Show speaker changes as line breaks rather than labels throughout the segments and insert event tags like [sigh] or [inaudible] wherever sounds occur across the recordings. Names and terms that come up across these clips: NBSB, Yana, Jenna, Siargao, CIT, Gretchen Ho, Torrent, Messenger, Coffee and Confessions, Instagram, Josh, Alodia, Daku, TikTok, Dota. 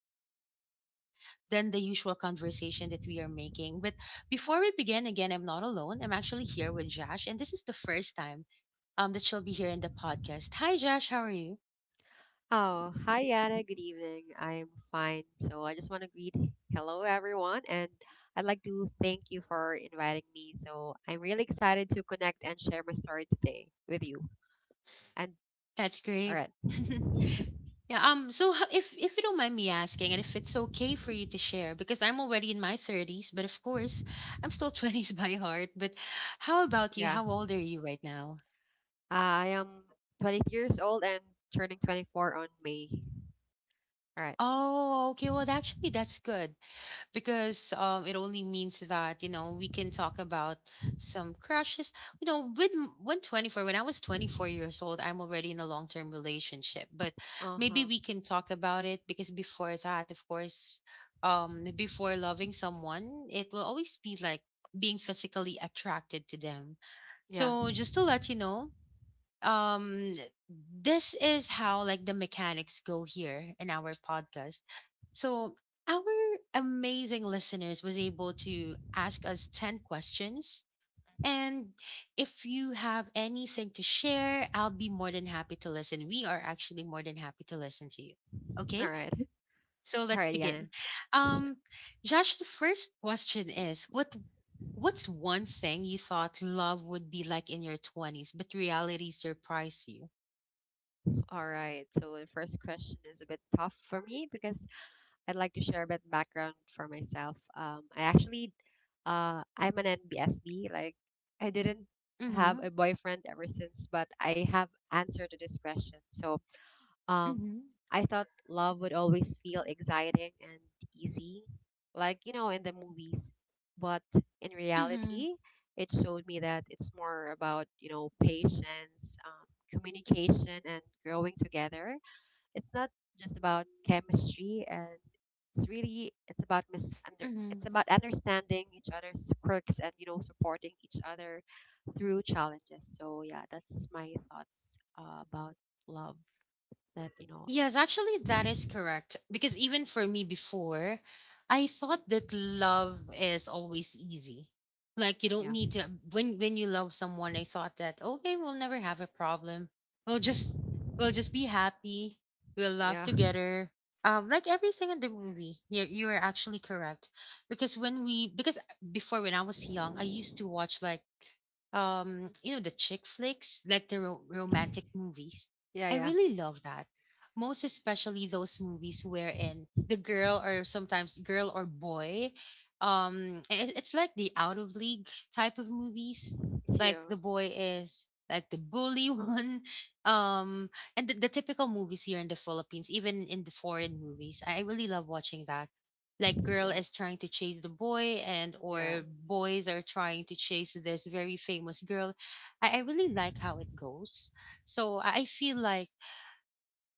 it's like lighter than the usual conversation that we are making. But before we begin, again, I'm not alone. I'm actually here with Josh, and this is the first time that she'll be here in the podcast. Hi Josh, how are you?
Oh, hi, Yana. Good evening. I'm fine. So I just want to greet hello, everyone. And I'd like to thank you for inviting me. So I'm really excited to connect and share my story today with you. And
That's
all
great.
right.
[laughs] Yeah. If you don't mind me asking, and if it's okay for you to share, because I'm already in my thirties, but of course, I'm still [laughs] twenties by heart. But how about you?
Yeah.
How old are you right now?
I am 23 years old and turning 24 on May. All right.
Oh, okay. Well, actually, that's good, because it only means that we can talk about some crushes. You know, with m- when 24, when I was 24 years old, I'm already in a long term relationship. But
Uh
maybe
huh.
we can talk about it because before that, of course, before loving someone, it will always be like being physically attracted to them.
Yeah.
So just to let you know, um this is how like the mechanics go here in our podcast, so our amazing listeners was able to ask us 10 questions, and if you have anything to share, I'll be more than happy to listen. We are actually more than happy to listen to you. Okay,
All right.
so
[laughs]
let's
All right,
begin.
Yana. Sure.
um Josh, the first question is what's one thing you thought love would be like in your 20s but reality surprised you?
All right. [laughs] So the first question is a bit tough for me because I'd like to share a bit background for myself. I actually, I'm an NBSB. Like, I didn't
Mm-hmm.
have a boyfriend ever since, but I have answer to this question. So, um,
Mm-hmm.
I thought love would always feel exciting and easy, like in the movies, but in
Mm-hmm.
reality, it showed me that it's more about patience, communication, and growing together. It's not just about chemistry, and it's really
Mm-hmm.
it's about understanding each other's quirks and supporting each other through challenges. So yeah, that's my thoughts about love. That you know,
Yes, actually, that is correct. Because even for me before, I thought that love is always easy. Like you don't
yeah,
need to When you love someone, I thought that okay, we'll never have a problem. We'll just we'll just be happy. We'll laugh
yeah,
together. Like everything in the movie. Yeah, you are actually correct. Because when we because before when I was young, I used to watch like the chick flicks, like the romantic
[laughs]
movies.
yeah,
I really love that, most especially those movies wherein the girl, or sometimes girl or boy, it's like the out of league type of movies, like
You,
the boy is like the bully [laughs] one. um and the typical movies here in the Philippines, even in the foreign movies, I really love watching that, like girl
yeah,
is trying to chase the boy, and
yeah.
or boys are trying to chase this very famous girl. I really like how it goes. So I feel like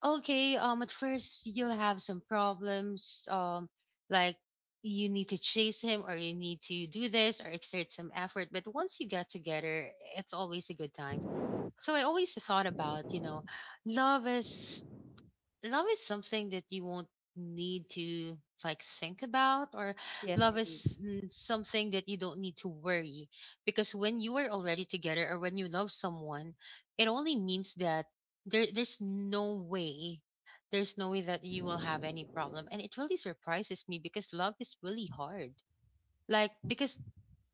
okay, at first you'll have some problems, like you need to chase him or you need to do this or exert some effort, but once you get together it's always a good time. So I always thought about, love is love is something that you won't need to like think about, or
Yes,
love
indeed.
is something that you don't need to worry, because when you are already together or when you love someone, it only means that there's no way, there's no way that you will have any problem. And it really surprises me because love is really hard. Like
Mhm.
because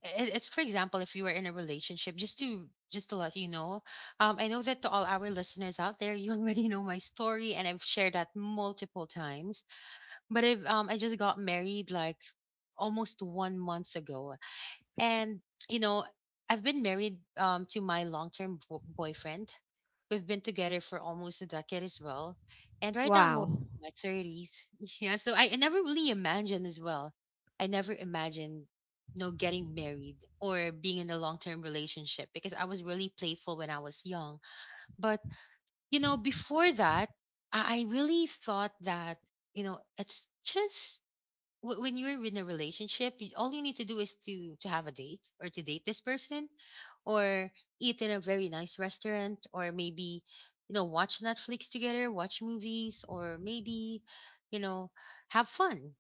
It- it's, for example, if you were in a relationship, just to let you know, I know that to all our listeners out there, you [laughs] already know my story and I've shared that multiple times. But if I just got married like almost 1 month ago, and you know, I've been married to my long-term boyfriend. We've been together for almost a decade as well. And right now I'm in
Wow.
my 30s. [laughs] Yeah, so I never really imagined as well. I never imagined, you know, getting married or being in a long-term relationship because I was really playful when I was young. But you know, before that, I really thought that you know it's just when you're in a relationship, all you need to do is to have a date or to date this person, or eat in a very nice restaurant, or maybe you know watch Netflix together, watch movies, or maybe you know have fun.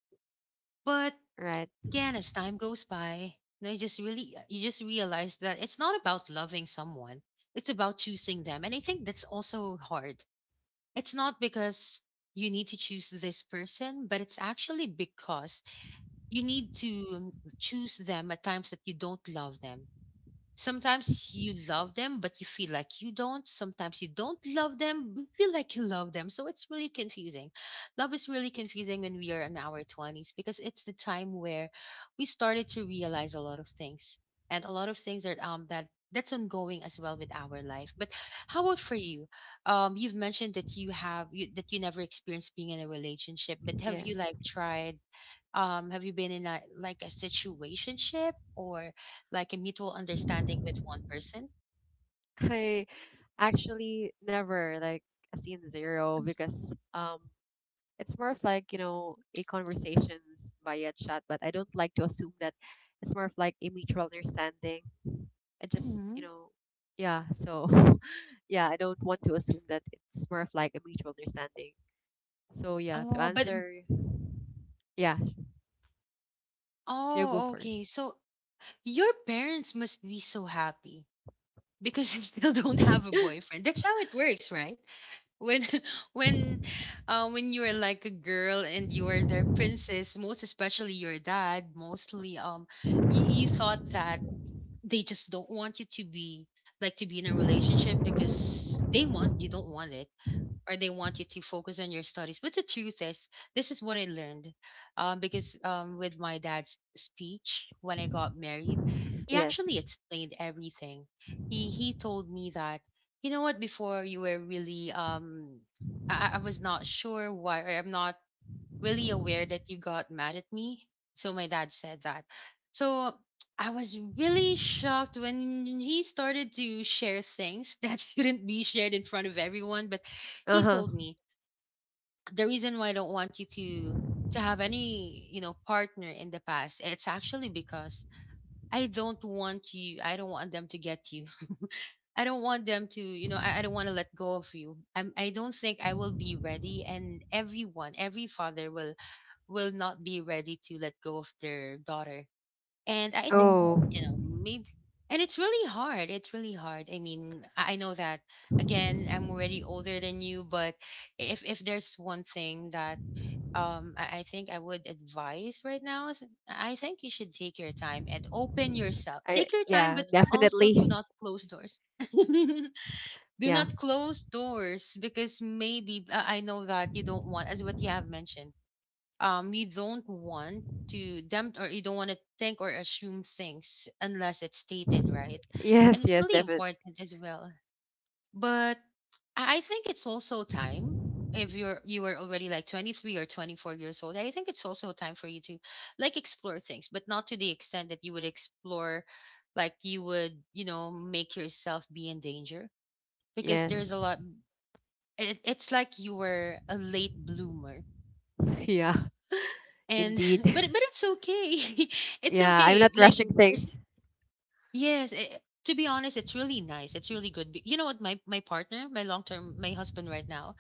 But
Right.
again, as time goes by, you, know, you just really you just realize that it's not about loving someone; it's about choosing them, and I think that's also hard. It's not because you need to choose this person, but it's actually because you need to choose them at times that you don't love them. Sometimes you love them, but you feel like you don't. Sometimes you don't love them, but feel like you love them. So it's really confusing. Love is really confusing when we are in our 20s because it's the time where we started to realize a lot of things, and a lot of things that that's ongoing as well with our life. But how about for you? You've mentioned that that you never experienced being in a relationship, but have you
Yes.
like tried, have you been in a like a situationship or like a mutual understanding with one person?
I actually never like a scene zero because it's more of like a conversations via chat, but I don't like to assume that it's more of like a mutual understanding. I just
Mm-hmm.
yeah, so [laughs] yeah, I don't want to assume that it's more of like a mutual understanding. So yeah, to
Oh, but
answer yeah, you go
oh, okay.
first.
So your parents must be so happy because [laughs] you still don't have a
[gasps]
boyfriend. That's how it works, right? When [laughs] when when you are like a girl and you are their princess, most especially your dad, mostly you, you thought that they just don't want you to be to be in a relationship because they want you don't want it, or they want you to focus on your studies. But the truth is, this is what I learned, because with my dad's speech when I got married,
[laughs]
he
Yes.
actually explained everything. He told me that, you know what, before you were really I was not sure why, or I'm not really aware that you got mad at me. So my dad said that. So I was really shocked when he started to share things [laughs] that shouldn't be shared in front of everyone. But he
Uh-huh.
told me the reason why: I don't want you to have any you know partner in the past. It's actually because I don't want you, I don't want them to get you. [laughs] I don't want them to, you know, I don't want to let go of you. I don't think I will be ready. And everyone, every father will not be ready to let go of their daughter. And I think, you
oh
know, maybe, and it's really hard. It's really hard. I mean, I know that again, I'm already older than you, but if there's one thing that I think I would advise right now is I think you should take your time and open yourself.
i
Take your time,
yeah,
but also do
definitely.
not close doors. [laughs] Do
Yeah.
not close doors because maybe I know that you don't want, as what you have mentioned you don't want to them, or you don't want to think or assume things unless it's stated, right?
[laughs] Yes,
And it's
yes,
really
definitely.
important as well. But I think it's also time. If you are already like 23 or 24 years old, I think it's also time for you to like explore things, but not to the extent that you would explore, like you would, you know, make yourself be in danger because there's a
Yes.
lot. It's like you were a late bloomer
[laughs] Yeah,
and
indeed.
[laughs]
[laughs]
but it's okay, [laughs] it's
Yeah, I'm
okay,
not
like
rushing
there's,
things.
yes, to be honest, it's really nice, it's really good. You know what, my partner, my long term, my husband right now,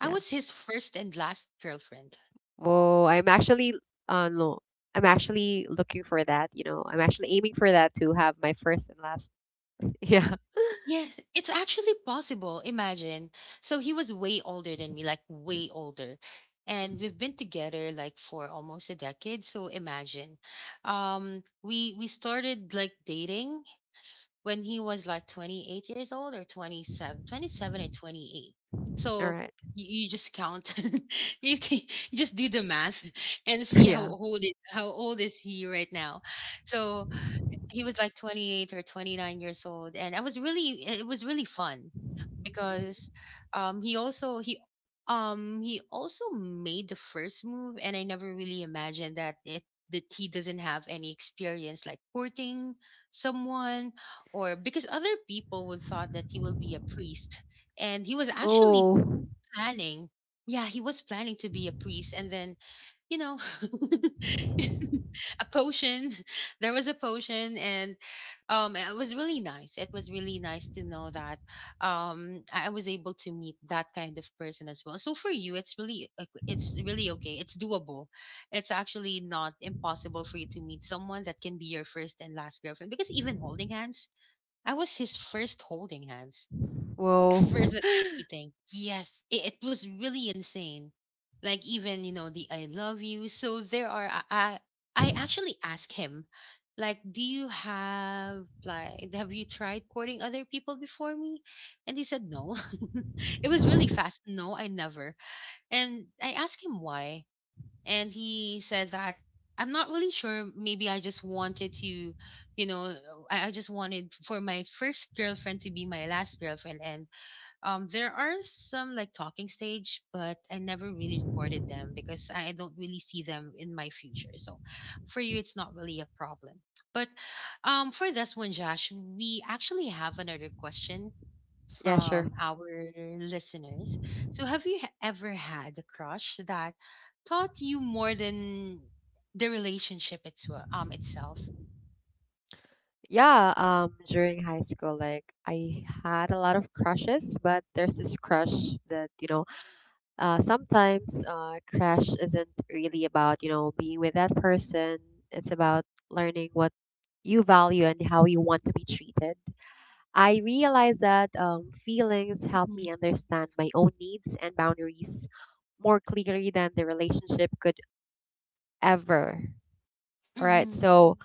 I
Yeah.
was his first and last girlfriend.
Oh, I'm actually no. I'm actually looking for that, I'm actually aiming for that to have my first and last. [laughs] Yeah.
Yeah, it's actually possible, imagine. So he was way older than me, like way older, and
Mhm.
we've been together like for almost a decade, so imagine. We started like dating when he was like 28 years old, or 27, 27 or 28.
All
So
right.
you just count. [laughs] You can, you just do the math and see
[laughs] Yeah.
how old is he right now. So he was like 28 or 29 years old, and I was really, it was really fun
Mhm.
because um he also he he also made the first move, and I never really imagined that it, that he doesn't have any experience like courting someone, or because other people would thought that he will be a priest. And he was actually
Oh,
planning. Yeah, he was planning to be a priest, and then, you know, [laughs] a potion. [laughs] There was a potion, and it was really nice. It was really nice to know that I was able to meet that kind of person as well. So for you, it's really okay. It's doable. It's actually not impossible for you to meet someone that can be your first and last girlfriend. Because even holding hands, I was his first holding hands, first
whoa.
at
[laughs]
everything. Yes, it was really insane. Like even, you know, the I love you. So there are I actually asked him, like, do you have like, have you tried courting other people before me? And he said no. [laughs] It was really fast. No, I never. And I asked him why, and he said that, I'm not really sure. Maybe I just wanted to, you know, I just wanted for my first girlfriend to be my last girlfriend. And there are some like talking stage, but I never really courted them because I don't really see them in my future. So for you, it's not really a problem. But for this one, Josh, we actually have another question
Yeah, sure.
from our listeners. So have you ever had a crush that taught you more than the relationship itself?
Yeah, during high school like I had a lot of crushes, but there's this crush that, sometimes crush isn't really about, being with that person. It's about learning what you value and how you want to be treated. I realized that feelings help
Mhm.
me understand my own needs and boundaries more clearly than the relationship could ever. All right.
Mhm.
So,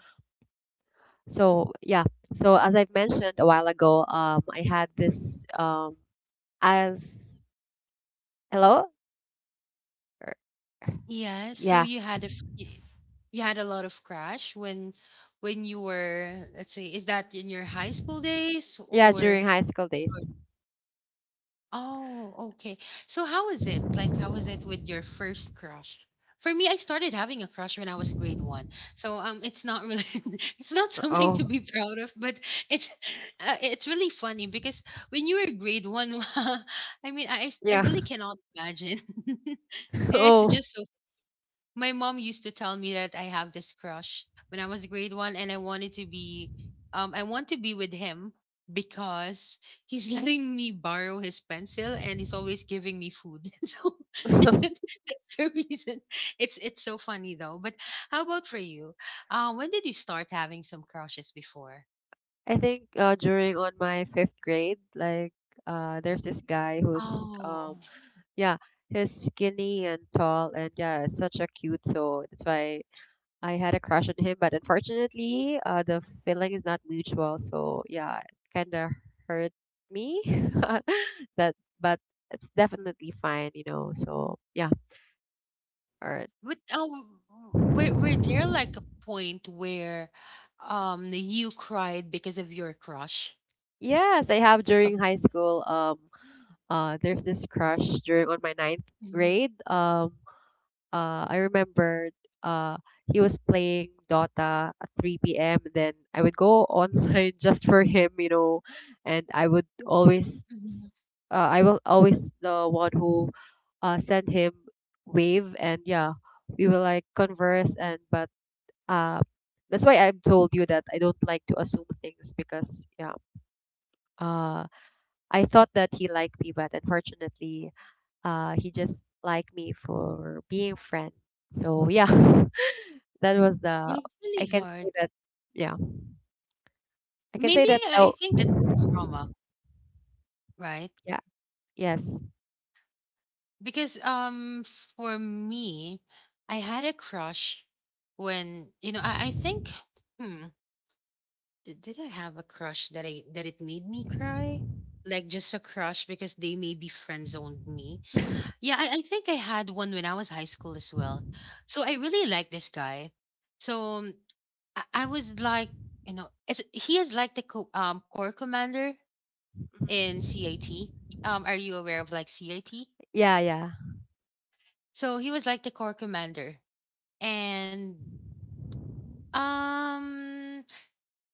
so yeah. So as I've mentioned a while ago, I had this as hello, Or-
Yeah, so
yeah,
you had you had a lot of crash when you were, let's see, is that in your high school days
yeah, during high school
or-
days.
oh, okay. So how was it? Like how was it with your first crush? For me, I started having a crush when I was grade one. So it's not really, [laughs] it's not something to
Oh,
be proud of, but it's [laughs] it's really funny because when you were grade one, [laughs] I mean, I
yeah. [laughs]
really cannot imagine. [laughs] It's
Oh,
just, my mom used to tell me that I have this crush when I was grade one, and I wanted to be, I want to be with him because he's [laughs] letting me borrow his pencil, and he's always giving me food. [laughs] So
[laughs]
[laughs]
I
that's the reason. It's so funny though. But how about for you? When did you start having some crushes before?
think during on my fifth grade, like there's this guy who's
Oh,
yeah, he's skinny and tall, and yeah, such a cute soul. That's why I had a crush on him, but unfortunately, the feeling is not mutual. So yeah, it kind of hurt me. [laughs] that, but it's definitely fine, So yeah, all right.
but were there like a point where, you cried because of your crush?
Yes, I have during high school. There's this crush during on my ninth
Mhm.
grade. I remember uh, he was playing Dota at 3 p.m. Then I would go online [laughs] just for him, and
Mhm.
I will always the one who send him wave, and yeah, we will like converse, and but uh, that's why I've told you that I don't like to assume things because yeah, uh, I thought that he liked me, but unfortunately, he just liked me for being friend. So yeah. [laughs] That was the
Yeah, it's
I
really
can say
hard.
that yeah. I can say
Maybe
that
I
oh
think that trauma, right?
yeah, yes.
Because for me, I had a crush when, you know, I think, hmm, did I have a crush that I, that it made me cry? Like just a crush because they maybe friend zoned me. Yeah, I think I had one when I was high school as well. So I really like this guy. So I was like, you know, it's, he is like the corps commander in
Mhm.
CIT. Are you aware of like CIT?
Yeah, yeah.
So he was like the corps commander, and um,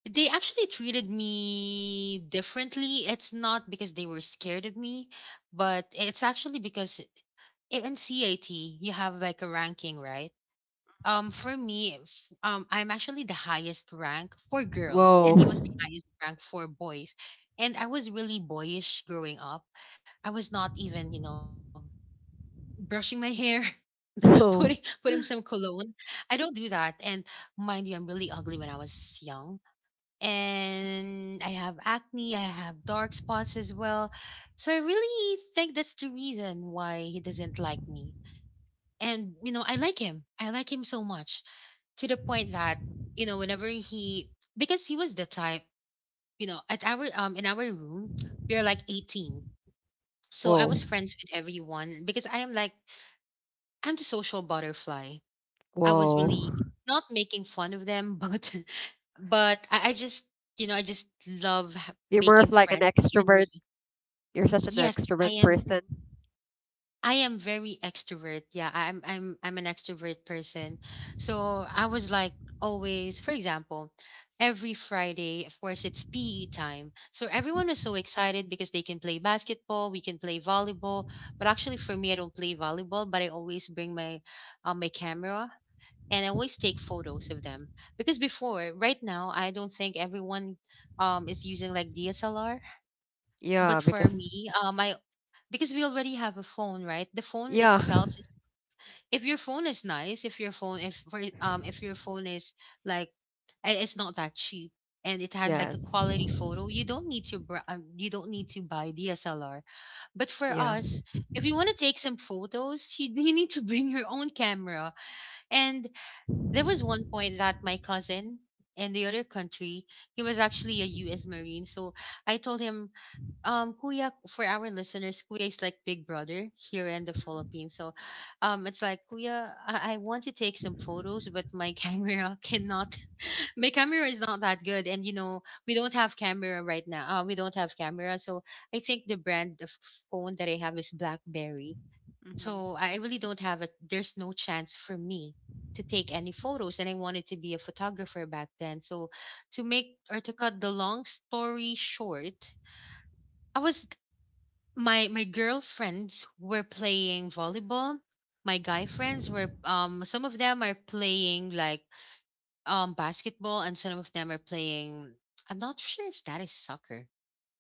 they actually treated me differently. It's not because they were scared of me, but it's actually because in CIT you have like a ranking, right? For me, I'm actually the highest rank for girls, and he was
Whoa.
the highest rank for boys. And I was really boyish growing up. I was not even, you know, brushing my hair, [laughs]
[laughs]
putting
Whoa.
putting some cologne. I don't do that. And mind you, I'm really ugly when I was young. And I have acne, I have dark spots as well. So I really think that's the reason why he doesn't like me. And you know, I like him. I like him so much to the point that, you know, whenever he, because he was the type, you know, at our in our room, we are like 18. So I
Whoa.
was friends with everyone because I am like, I'm the social butterfly. I was
Whoa.
really not making fun of them, but [laughs] but I just, you know, I just love
You're more of
making
like an
friends. And
extrovert.
with,
You're such an
yes, I
extrovert
am.
person.
I am very extrovert. Yeah, I'm an extrovert person. So I was like always, for example, every Friday, of course, it's PE time. So everyone was
Mhm,
so excited because they can play basketball, we can play volleyball. But actually, for me, I don't play volleyball, but I always bring my my camera, and I
mhm.
always take photos of them because before, right now, I don't think everyone is using like DSLR. But
Yeah,
for
because
me, I because we already have a phone, right? The phone
yeah.
itself, is- if your phone is nice, if your phone, if for if your phone is like, it's not that cheap. And it has like a
Yes.
quality photo. You don't need to you don't need to buy DSLR, but for
Yeah.
us, if you want to take some photos, you, [laughs] you need to bring your own camera. And there was one point that my cousin in the other country, he was actually a US Marine. So I told him, Kuya, for our listeners, Kuya is like big brother here in the Philippines. So it's like, Kuya, I want to take some photos, but my [laughs] camera cannot. [laughs] My camera is not that good. And, you know, we don't have camera right now. We don't have camera. So I think the brand of phone that I have is Blackberry.
Mhm, mhm.
So I really don't have a, there's no chance for me to take any photos, and I wanted to be a photographer back then. So to make or to cut the long story short, I was, my girlfriends were playing volleyball. My guy friends were some of them are playing like basketball, and some of them are playing, I'm not sure if that is soccer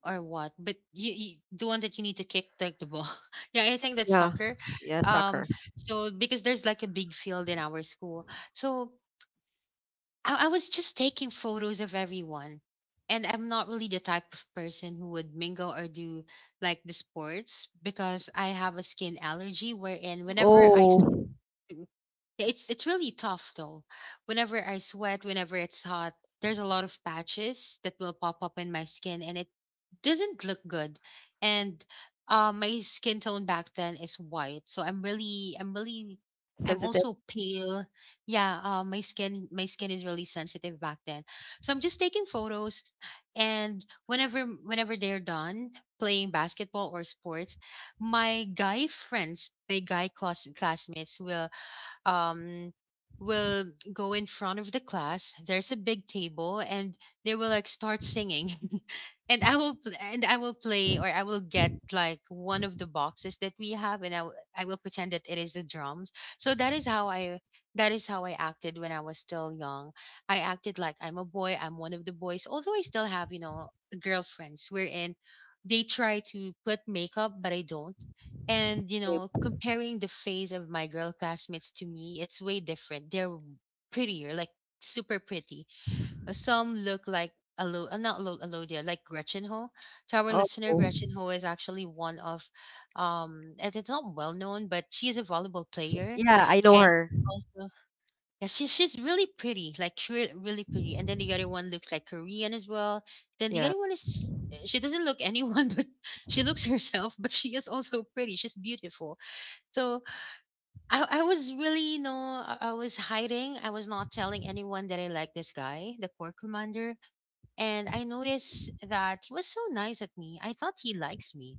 or what, but you, the one that you need to kick the ball. [laughs] Yeah, I think that's
Yeah.
soccer.
Yeah,
um
soccer.
so because there's like a big field in our school, so I was just taking photos of everyone, and I'm not really the type of person who would mingle or do like the sports because I have a skin allergy wherein whenever
Oh,
it's really tough though, whenever I sweat, whenever it's hot, there's a lot of patches that will pop up in my skin, and it doesn't look good. And my skin tone back then is white, so I'm really I'm
sensitive
also pale. Yeah, my skin is really sensitive back then. So I'm just taking photos, and whenever they're done playing basketball or sports, my guy friends, my guy classmates will um will go in front of the class, there's a big table, and they will like start singing, [laughs] and and I will play, or I will get like one of the boxes that we have, and I will pretend that it is the drums. So that is how I, that is how I acted when I was still young. I acted like I'm a boy, I'm one of the boys, although I still have, you know, girlfriends wherein they try to put makeup, but I don't. And you know,
game.
comparing the face of my girl classmates to me, it's way different. They're prettier, like super pretty. Some look like Alo, not Alo, Alodia, like Gretchen Ho. To our
Oh.
listener, Gretchen Ho is actually one of, and it's not well known, but she is a volleyball player,
Yeah, I know
and
her.
she's, yeah, she, she's really pretty, like really pretty. And then the other one looks like Korean as well. Then the
Yeah.
other one is, eh, she doesn't look anyone, [laughs] but she looks herself. But she is also pretty. She's beautiful. So I was really, you know, I was hiding. I was not telling anyone that I like this guy, the corps commander. And I noticed that he was so nice at me. I thought he likes me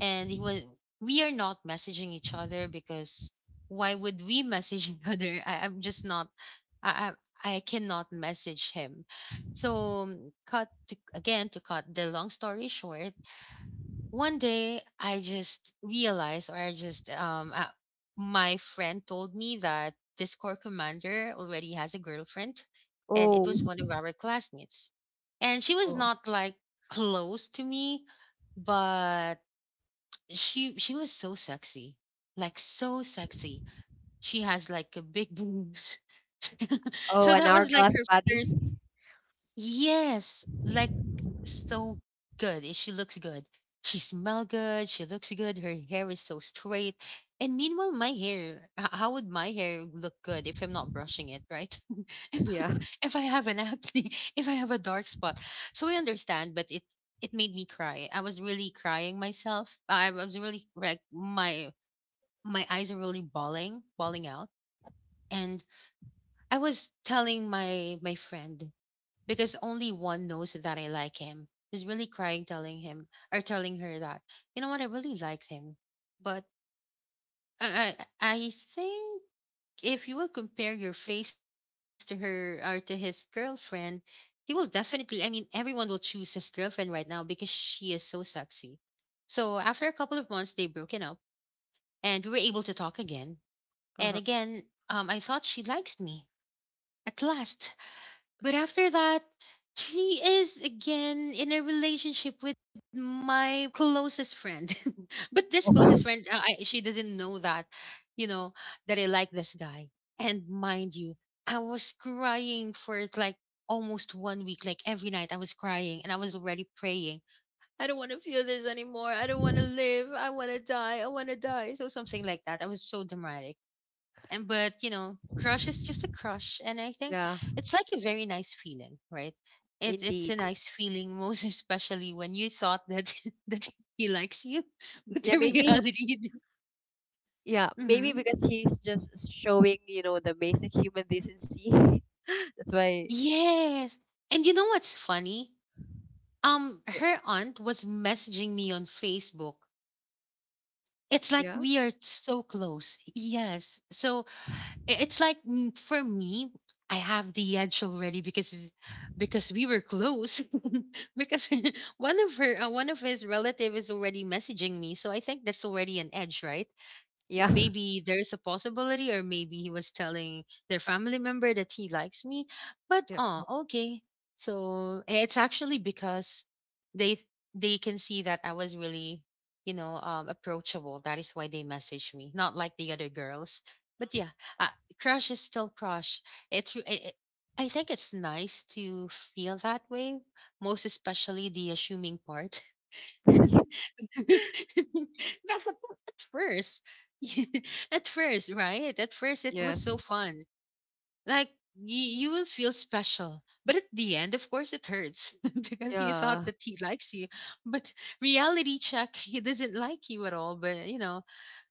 and he was we are not messaging each other because why would we message [laughs] each other I'm just not I, I cannot message him so cut to, again to cut the long story short one day I just realized or I just my friend told me that this corps commander already has a girlfriend, and it
Oh.
was one of our classmates, and she was
Oh,
not like close to me, but she was so sexy, like so sexy. She has like a big boobs, [laughs]
oh
so
an
that was like
hourglass
her
body.
first. Yes, like so good. She looks good. She smell good. She looks good. Her hair is so straight. And meanwhile, my hair, how would my hair look good if I'm not brushing it, right? [laughs] if, I-
Yeah.
if I have an acne, [laughs] if I have a dark spot. So I understand, but it made me cry. I was really crying myself. I was really like my eyes are really bawling, bawling out. And I was telling my friend because only one knows that I like him. He's really crying, telling him or telling her that, you know what, I really liked him, but I I think if you will compare your face to her or to his girlfriend, he will definitely. I mean, everyone will choose his girlfriend right now because she is so sexy. So after a couple of months, they broken up, and we were able to talk again. And
Uh-huh.
again, I thought she likes me at last. But after that, she is again in a relationship with my closest friend. [laughs] But this closest
[laughs]
friend, she doesn't know that, you know, that I like this guy. And mind you, I was crying for like almost 1 week. Like every night, I was crying and I was already praying. I don't want to feel this anymore. I don't want to live. I want to die. I want to die. So something like that. I was so dramatic, and but you know crush is just a crush, and I think
Yeah,
it's like a very nice feeling, right? It's
indeed.
a nice feeling [laughs] most especially when you thought that [laughs] that he likes you. [laughs] But
Yeah,
the
maybe
reality.
yeah, maybe
Mm-hmm.
because he's just showing, the basic human decency. [laughs] That's why
Yes, and you know what's funny,
yeah.
her aunt was messaging me on Facebook. It's like
Yeah.
we are so close. Yes, so it's like for me, I have the edge already because because we were close. [laughs] Because [laughs] one of her one of his relative is already messaging me, so I think that's already an edge, right?
Yeah.
Maybe there's a possibility, or maybe he was telling their family member that he likes me, but
Yeah.
oh, okay. So it's actually because they they can see that I was really, you know, approachable, that is why they messaged me, not like the other girls. But yeah, uh, crush is still crush. It's re- it, I think it's nice to feel that way, most especially the assuming part. [laughs]
[laughs]
That's what- at first. [laughs] At first, right? At first, it was
Yes.
so fun. Like y- you will feel special. But at the end, of course, it hurts [laughs] because you
Yeah.
thought that he likes you. But reality check, he doesn't like you at all. But you know,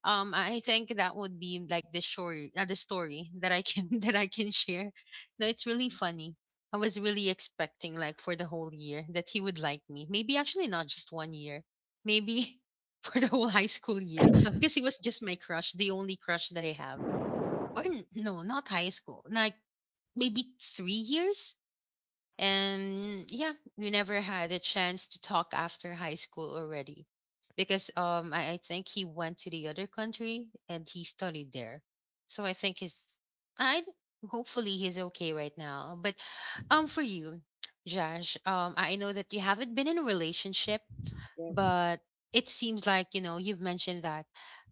I think that would be like the story, the story that I can [laughs] that I can share. No, it's really funny. I was really expecting like for the whole year that he would like me. Maybe actually not just 1 year. Maybe [laughs] for the whole high school year because he was just my crush, the only crush that I have. Or no, not high school, like maybe 3 years. And yeah, we never had a chance to talk after high school already because I think he went to the other country and he studied there. So I think he's, I hopefully he's okay right now. But for you, Josh, I know that you haven't been in a relationship,
Yes.
but it seems like you know you've mentioned that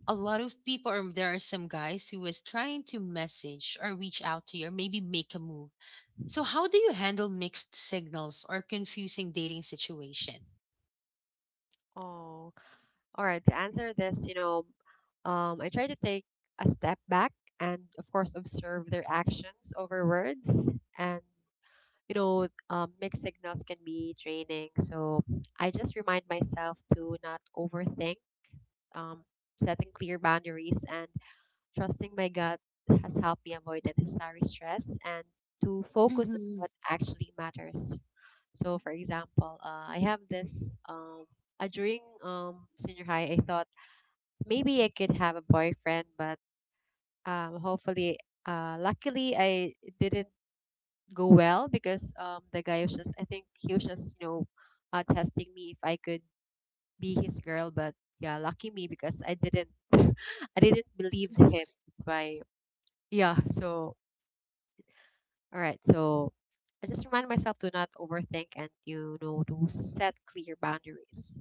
a lot of people, or there are some guys who was trying to message or reach out to you or maybe make a move. So, how do you handle mixed signals or confusing dating situation?
Oh. All right, to answer this, I try to take a step back and of course observe their actions over words, and mixed signals can be draining. So I just remind myself to not overthink, um, setting clear boundaries and trusting my gut has helped me avoid unnecessary stress and to focus on
Mhm.
what actually matters. So, for example, I have this during Senior high, I thought maybe I could have a boyfriend, but um, hopefully, luckily, I it didn't go well because the guy was just, I think he was just, testing me if I could be his girl, but yeah, lucky me because I didn't [laughs] I didn't believe him. That's why yeah, so all right. So I just remind myself to not overthink and to set clear boundaries.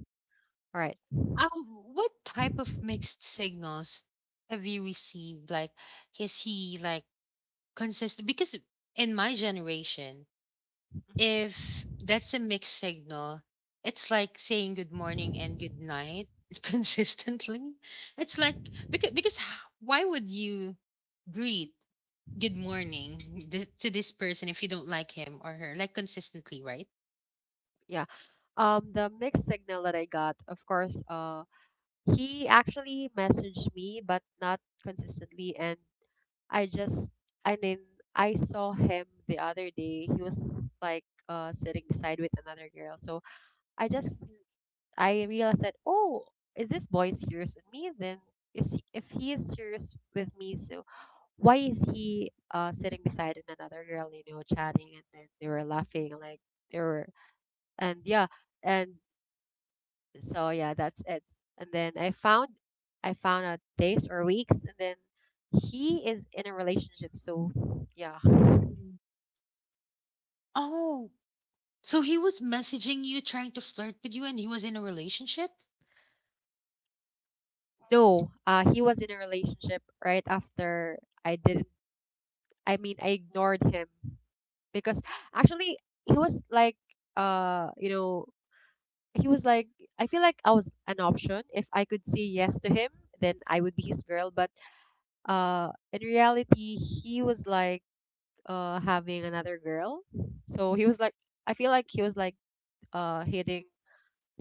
All right.
Um, what type of mixed signals have you received? Like, is he like consistent? Because in my generation,
Mhm.
if that's a mixed signal, it's like saying good morning and good night [laughs] consistently. It's like because why would you greet good morning to this person if you don't like him or her, like consistently, right?
Yeah, the mixed signal that I got, of course, he actually messaged me but not consistently, and I just I mean, I saw him the other day. He was like sitting beside with another girl. So I just I realized that, oh, is this boy serious with me? Then is he, if he is serious with me, so why is he sitting beside another girl, chatting, and then they were laughing like they were. And yeah, and so yeah, that's it. And then I found out days or weeks, and then he is in a relationship, so yeah.
Mm. Oh, so he was messaging you, trying to flirt with you, and he was in a relationship?
No, he was in a relationship right after I didn't I mean I ignored him because actually he was like uh you know he was like I feel like I was an option. If I could say yes to him, then I would be his girl, but in reality he was like having another girl. So he was like I feel like he was like hitting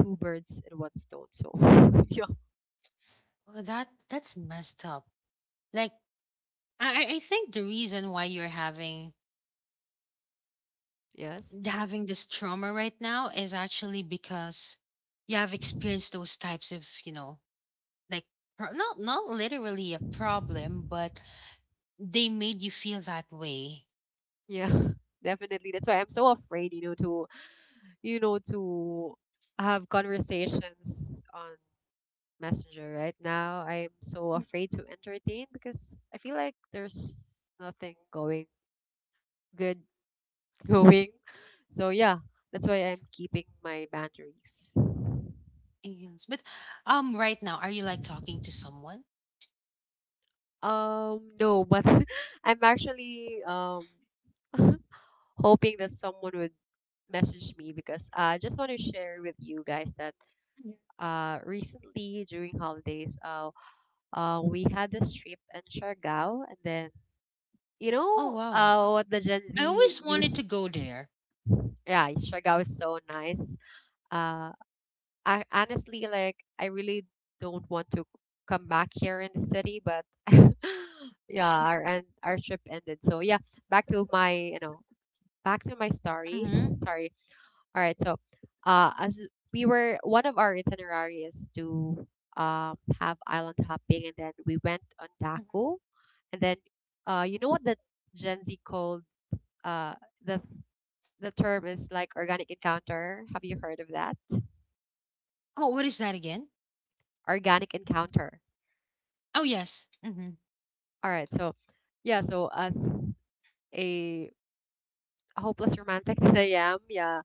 two birds in one stone, so [laughs] yeah.
Well, that's messed up. Like, I think the reason why you're
Yes.
having this trauma right now is actually because you have experienced those types of, you know, like not literally a problem, but they made you feel that way.
Yeah. [laughs] Definitely, that's why I'm so afraid, to to have conversations on Messenger right now. I'm so afraid to entertain because I feel like there's nothing going good [laughs] going. So yeah, that's why I'm keeping my boundaries.
Yes, but right now, are you like talking to someone?
No, but [laughs] I'm actually [laughs] hoping that someone would message me because I just want to share with you guys that
Yeah.
recently during holidays, we had this trip in Siargao. And then
Oh wow,
what the Gen Z
I always wanted
use.
to go there.
Yeah, Siargao is so nice. Uh, I, honestly, like I really don't want to come back here in the city, but [laughs] yeah, our end, our trip ended. So yeah, back to my back to my story.
Mm-hmm.
Sorry. All right. So, as we were one of our itinerary is to have island hopping, and then we went on
Hmm.
Daku. And then you know what the Gen Z called, uh the term is like organic encounter. Have you heard of that?
Oh, what is that again?
Organic encounter.
Oh, yes. Mm-hmm.
All right. So, yeah. So as a hopeless romantic [laughs] that I am, yeah.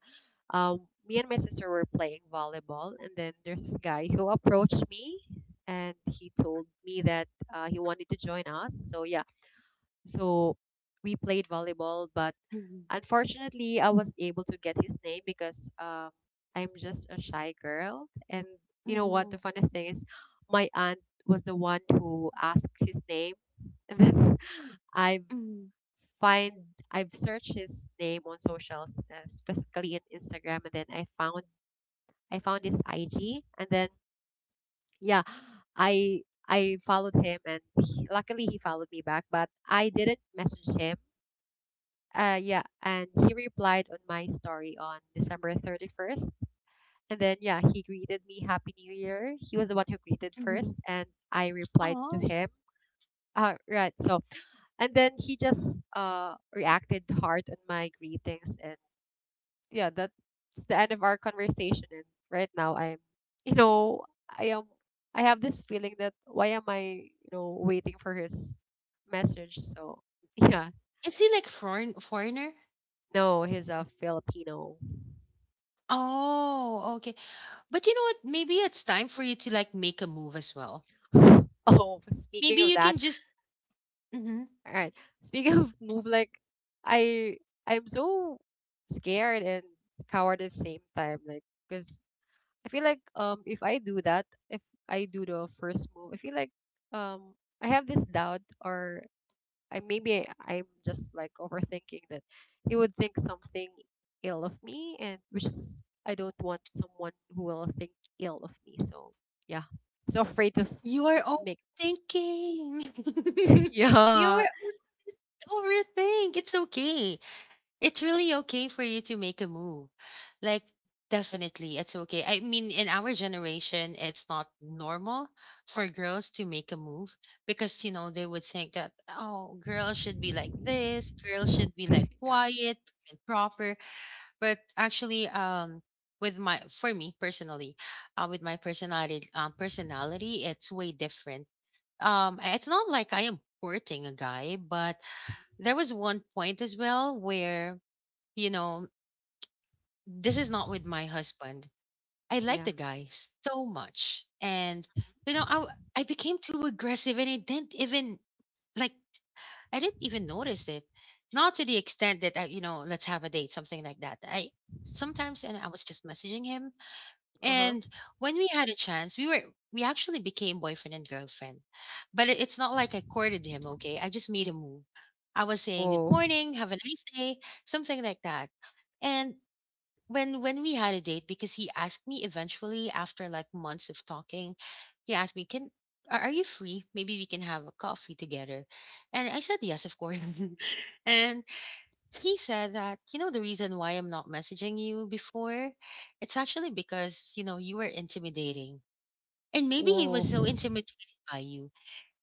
Um, me and my sister were playing volleyball, and then there's this guy who approached me, and he told me that he wanted to join us. So yeah. So we played volleyball, but
Mm-hmm.
unfortunately, I was able to get his name because I'm just a shy girl. And you know what?
Mm-hmm.
The funny thing is, my aunt was the one who asked his name. And then [laughs] I
Mm-hmm.
find I've searched his name on socials, specifically in Instagram, and then I found his IG, and then yeah, I I followed him, and he, luckily he followed me back. But I didn't message him. Yeah, and he replied on my story on December 31st. And then, yeah, he greeted me Happy New Year. He was the one who greeted
Mm-hmm.
first, and I replied to
Oh,
him. Right, so, and then he just reacted hard on my greetings. And yeah, that's the end of our conversation. And right now, you know, I am, I have this feeling that why am I, waiting for his message? So, yeah,
is he like foreign foreigner?
no, he's a Filipino.
Oh, okay. But you know what? Maybe it's time for you to like make a move as well.
[laughs] Oh,
Maybe
speaking of
you
that,
can just. Mhm.
all right. Speaking of move, like I I'm so scared and coward at the same time, like because I feel like if I do that, if I do the first move, I feel like um I have this doubt. Or I maybe I'm just like overthinking that he would think something ill of me, and which is I don't want someone who will think ill of me. So yeah, I'm so afraid to
You are
make
overthinking.
[laughs]
[laughs] You
yeah.
are overthink. It's okay. It's really okay for you to make a move. Like, definitely, it's okay. I mean, in our generation, it's not normal for girls to make a move because, you know, they would think that, oh, girls should be like this, girls should be like
Yeah.
quiet and proper. But actually, for me personally, with my personality, personality, it's way different. It's not like I am courting a guy, but there was one point as well where you know this is not with my husband. I like
Yeah.
the guy so much. And, you know, I became too aggressive and it didn't even, like, I didn't even notice it. Not to the extent that, I, you know, let's have a date, something like that. I sometimes, and I was just messaging him.
Uh-huh.
And when we had a chance, we actually became boyfriend and girlfriend. But it's not like I courted him, okay? I just made a move. I was saying good
Whoa.
morning, have a nice day, something like that. And when we had a date because he asked me eventually after like months of talking, he asked me, can are you free, maybe we can have a coffee together? And I said yes, of course. [laughs] And he said that, you know, the reason why I'm not messaging you before, it's actually because, you know, you were intimidating, and maybe he was
Whoa.
so intimidated by you.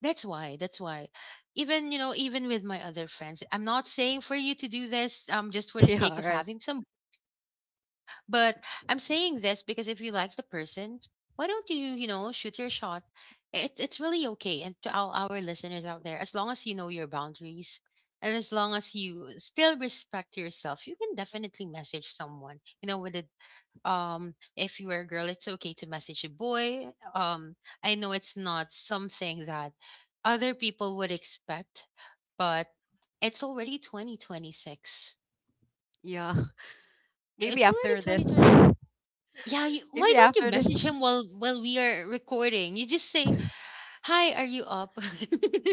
That's why that's why, even, you know, even with my other friends, I'm not saying for you to do this just for the
[laughs]
sake
Yeah,
of
right.
having some, but I'm saying this because if you like the person, why don't you, you know, shoot your shot? It's really okay. And to all our listeners out there, as long as you know your boundaries and as long as you still respect yourself, you can definitely message someone. You know, with it if you are a girl, it's okay to message a boy. I know it's not something that other people would expect, but it's already 2026.
Yeah. [laughs] Maybe
It's already
after this.
2026.
[laughs]
Yeah, why
Maybe
don't you
after
message
this.
him while we are recording? You just say, "Hi, are you up?" [laughs]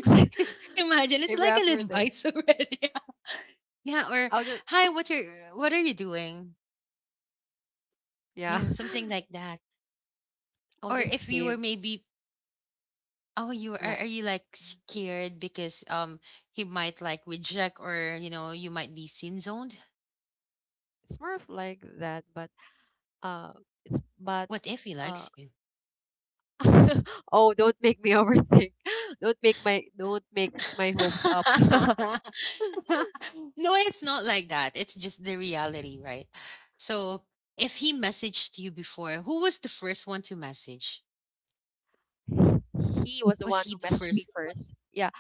Imagine
[laughs]
it's
Maybe
like an
after this.
advice already. [laughs] Yeah, or
I'll just
"Hi, what are you doing?"
yeah.
Yeah, something like that.
[laughs] I'll
Or
just
if you were
save
maybe, "Oh, you
right.
are you like scared because he might like reject, or you know, you might be sin zoned?
It's more of like that, but uh it's but
What if he
uh
likes you?"
[laughs] oh, don't make me overthink. [laughs] Don't make my hopes up.
[laughs]
[laughs]
[laughs] No, it's not like that. It's just the reality, right? So if he messaged you before, who was the first one to message?
He was the
Was
one
he
who
the
messaged me
first?
first. Yeah,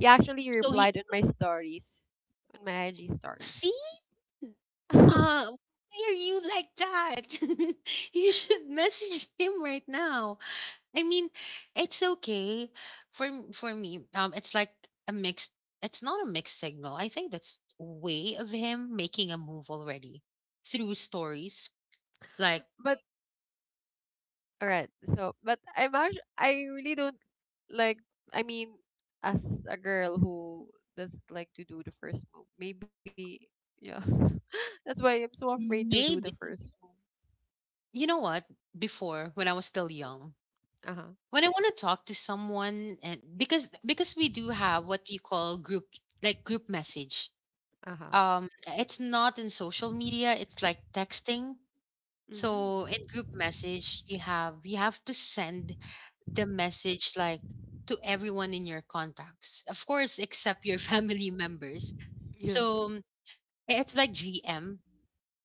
he actually
So
replied
he
on my stories, on my IG story.
see,
[laughs] but
why are you like that? [laughs] You should message him right now. I mean, it's okay for for me. It's like a mixed. It's not a mixed signal. I think that's way of him making a move already through stories. Like
All right, so but I'm actually I really don't like. I mean, as a girl who doesn't like to do the first move, maybe yeah. [laughs] That's why I'm so afraid to do the
may
first move.
you know what? Before, when I was still young,
Yeah. Uh huh.
when I want to talk to someone, and because we do have what we call group, like group message.
Uh huh.
It's not in social media. It's like texting. So in
Mm-hmm.
group message, you have to send the message like to everyone in your contacts, of course, except your [laughs] family members.
Yeah.
So it's like GM.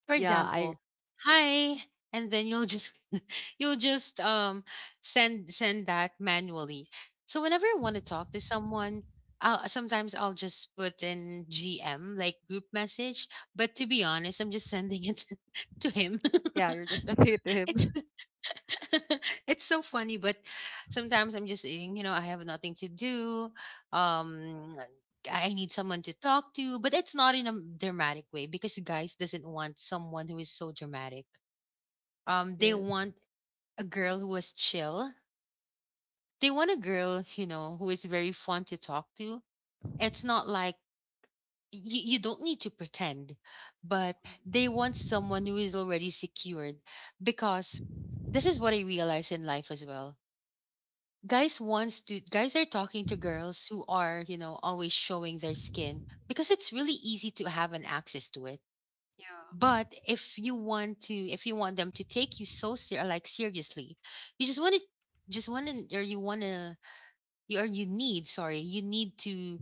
For
Yeah. I.
example, hi, and then you'll just [laughs] you'll just send that manually. So whenever I want to talk to someone, I'll sometimes I'll just put in GM, like group message. But to be honest, I'm just sending it [laughs] to him.
Yeah. You're just sending it to
[laughs] It's
him. [laughs]
[laughs] it's so funny, but sometimes I'm just saying, I have nothing to do. Um, I need someone to talk to, but it's not in a dramatic way because guys doesn't want someone who is so dramatic. Um, they
Yes.
want a girl who is chill. They want a girl, who is very fun to talk to. It's not like you don't need to pretend, but they want someone who is already secured because this is what I realize in life as well. Guys wants to guys are talking to girls who are, always showing their skin because it's really easy to have an access to it.
Yeah.
But if you want them to take you like seriously, you just want to, just want to, or you want to, you need to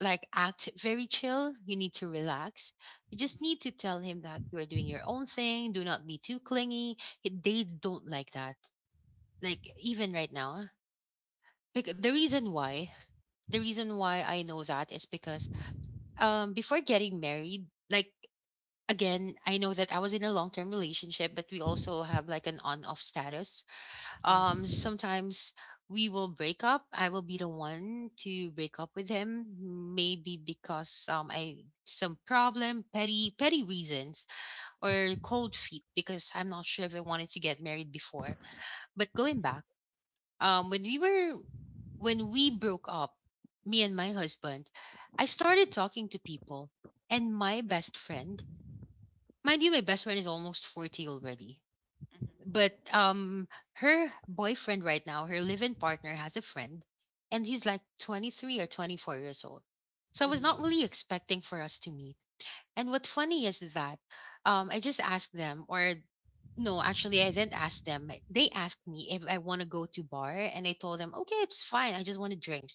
like act very chill. You need to relax. You
Mhm.
just need to tell him that you are doing your own thing. Do not be too clingy. They don't like that. Like even right now, like the reason why, the reason why I know that is because before getting married, like again, I know that I was in a long term relationship, but we also have like an on off status. Um,
Yes.
sometimes we will break up. I will be the one to break up with him, maybe because I some problem, petty reasons, or cold feet because I'm not sure if I wanted to get married before. But going back, um, when we were when we broke up, me and my husband, I started talking to people, and my best friend mind you, my best friend is almost 40 already.
Mm-hmm.
But her boyfriend right now, her live-in partner has a friend and he's like 23 or 24 years old. So I was not
Mm-hmm.
really expecting for us to meet. And what funny is that I just asked them or no, actually I didn't ask them. They asked me if I want to go to bar and I told them, "Okay, it's fine. I just want to drink."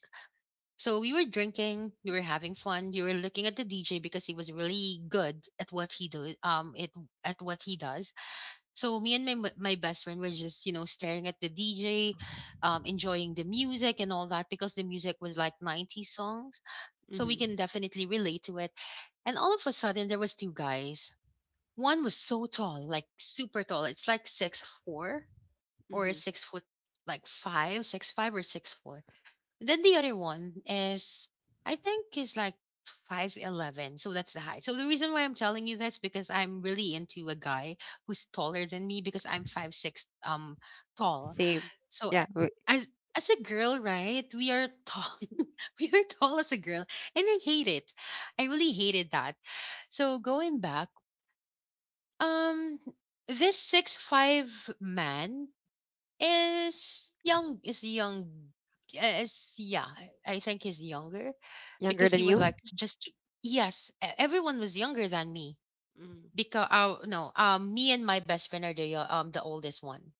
So we were drinking, we were having fun, we were looking at the DJ because he was really good at what he do it at what he does. So me and my best friend were just, staring at the DJ, enjoying the music and all that because the music was like 90s songs. So we
Mm-hmm.
can definitely relate to it. And all of a sudden there was two guys. One was so tall, like super tall. It's like 6'4" or
Mm-hmm.
6 foot like five, 6'5" or 6'4". Then the other one is, I think is like 5'11. So that's the height. So the reason why I'm telling you this because I'm really into a guy who's taller than me because I'm 5'6" tall.
Same.
So
Yeah,
a- as as a girl, right? We are tall. [laughs] we are tall as a girl. And I hate it. I really hated that. So going back, um this 6'5" man is young, eh, is yeah, I think he's younger
younger
because
than
he was
you.
like just yes, everyone was younger than me
Mm-hmm.
because no, me and my best friend are the oldest one.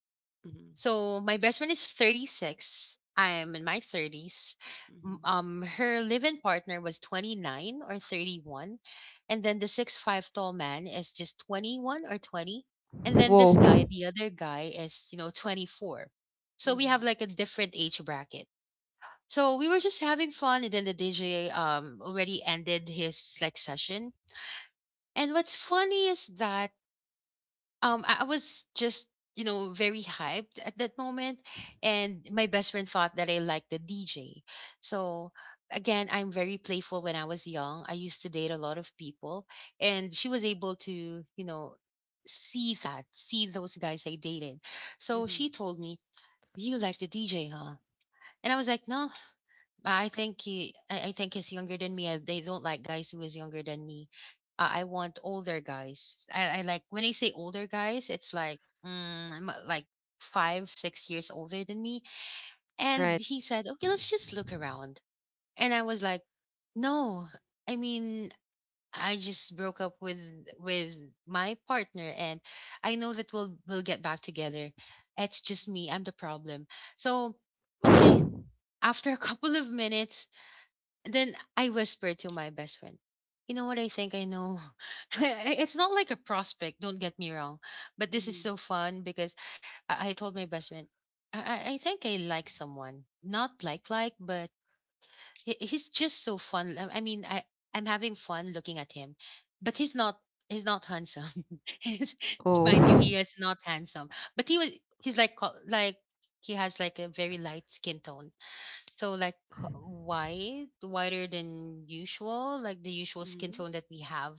Mm-hmm.
So my best friend is 36. I am in my 30s.
Mm-hmm.
Her live-in partner was 29 or 31, and then the 6'5" tall man is just 21 or 20, and then
Whoa.
this guy, the other guy, is 24. So we have
Mm-hmm.
like a different age bracket. So we were just having fun, and then the DJ already ended his like session. And what's funny is that I was just, very hyped at that moment. And my best friend thought that I liked the DJ. So, again, I'm very playful when I was young. I used to date a lot of people. And she was able to, see that, see those guys I dated. So she
Mm-hmm.
told me, "You like the DJ, huh?" And I was like, "No, I think he, I think he's younger than me." They don't like guys who is younger than me. I want older guys. I like when I say older guys, it's like I'm like five, 6 years older than me. And
Right.
he said, "Okay, let's just look around." And I was like, "No, I mean." I just broke up with with my partner and I know that we'll get back together. It's just me, I'm the problem. So, okay, after a [laughs] couple of minutes, then I whispered to my best friend, "You know what I think I know?" [laughs] It's not like a prospect, don't get me wrong. But this is
Mm-hmm.
so fun because I told my best friend, I think I like someone. Not like like, but he's just so fun. I'm having fun looking at him. But he's not handsome. [laughs] he's, mind you,
Oh.
he is not handsome. But he's like he has like a very light skin tone so like wider than usual, like the usual skin
Mm-hmm.
tone that we have,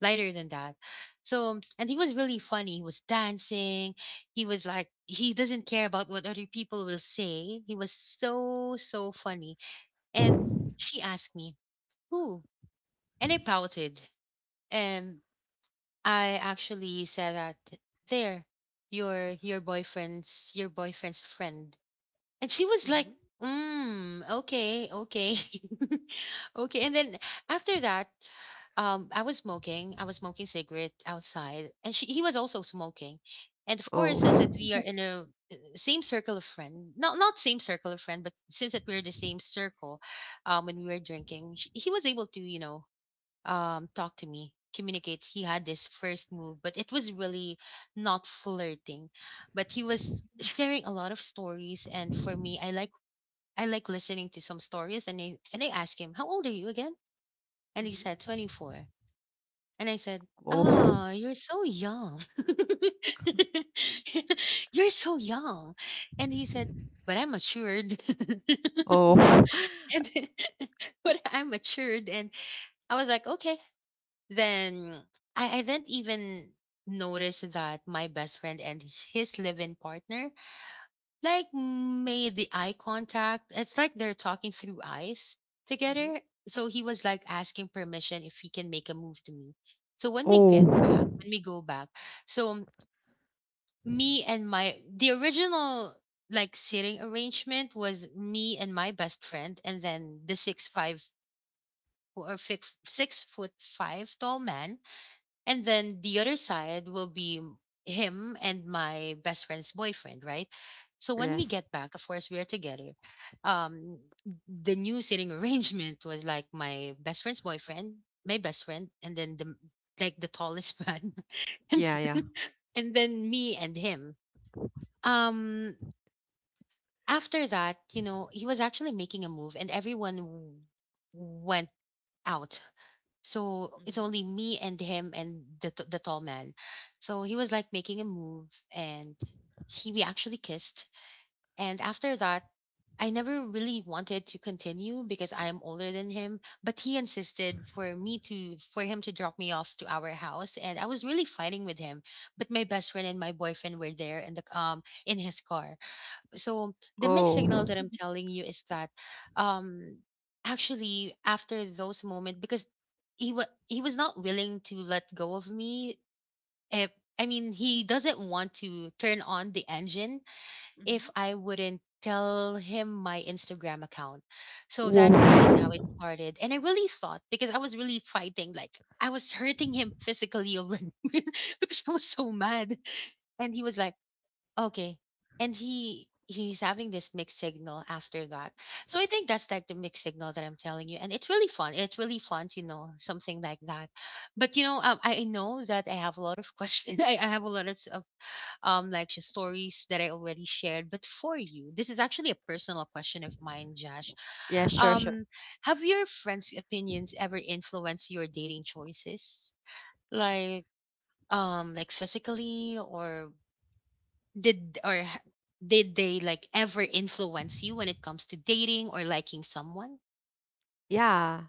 lighter than that. So, and he was really funny. He was dancing. He was like, he doesn't care about what other people will say. He was so, so funny. And she asked me, "Who?" And I pouted. And I actually said that there, your boyfriend's friend and she was like,
Mm-hmm.
"Mm, okay, okay." [laughs] okay. And then after that, I was smoking. I was smoking cigarette outside. And he was also smoking. And of
Oh.
course, since that we are
Mm-hmm.
in a same circle of friend, not same circle of friend, but since that we're the same circle, when we were drinking, sh he was able to, talk to me communicate he had this first move but it was really not flirting but he was sharing a lot of stories and for me I like listening to some stories and I asked him how old are you again and he said 24 and I said
Oh.
oh you're so young [laughs] you're so young and he said but I'm matured [laughs]
Oh. [laughs]
and [laughs] but I'm matured and I was like okay then I didn't even notice that my best friend and his live-in partner like made the eye contact. It's like they're talking through eyes together.
Mhm.
So he was like asking permission if he can make a move to me. So
Oh.
when we go back, so me and my the original like sitting arrangement was me and my best friend and then the 6'5" 6 foot five tall man and then the other side will be him and my best friend's boyfriend, right? So when we
Yes.
get back, of course, we are together. Um, the new sitting [laughs] arrangement was like my best friend's boyfriend, my best friend, and then like the tallest man, [laughs] and
Yeah, yeah.
then, and then me and him. Um, after that, he was actually making a move, and went out. So it's
Mhm.
only me and him and the tall man. So he was like making a move, and he we actually kissed. And after that, I never really wanted to continue because I am older than him. But he insisted for him to drop me off to our house, and I was really fighting with him. But my best friend and my boyfriend were there in the in his car, so the mixed signal
Oh.
that I'm telling you is that um actually after those moments because he was not willing to let go of me if I mean he doesn't want to turn on the engine if
Mhm.
I wouldn't tell him my Instagram account. So
Whoa.
that is how it started. And I really thought because I was really fighting like I was hurting him physically already [laughs] because I was so mad. And he was like "Okay." And he's having this mixed signal after that. So I think that's like the mixed signal that I'm telling you. And it's really fun. It's really fun to know something like that. But you know, I know that I have a lot of questions. [laughs] I have a lot of like just stories that I already shared. But for you, this is actually a personal question of mine, Josh.
Yeah, sure, sure.
Um, have your friends' opinions ever influenced your dating choices? Like physically or did or h- did they like ever influence you when it comes to dating or liking someone?
Yeah.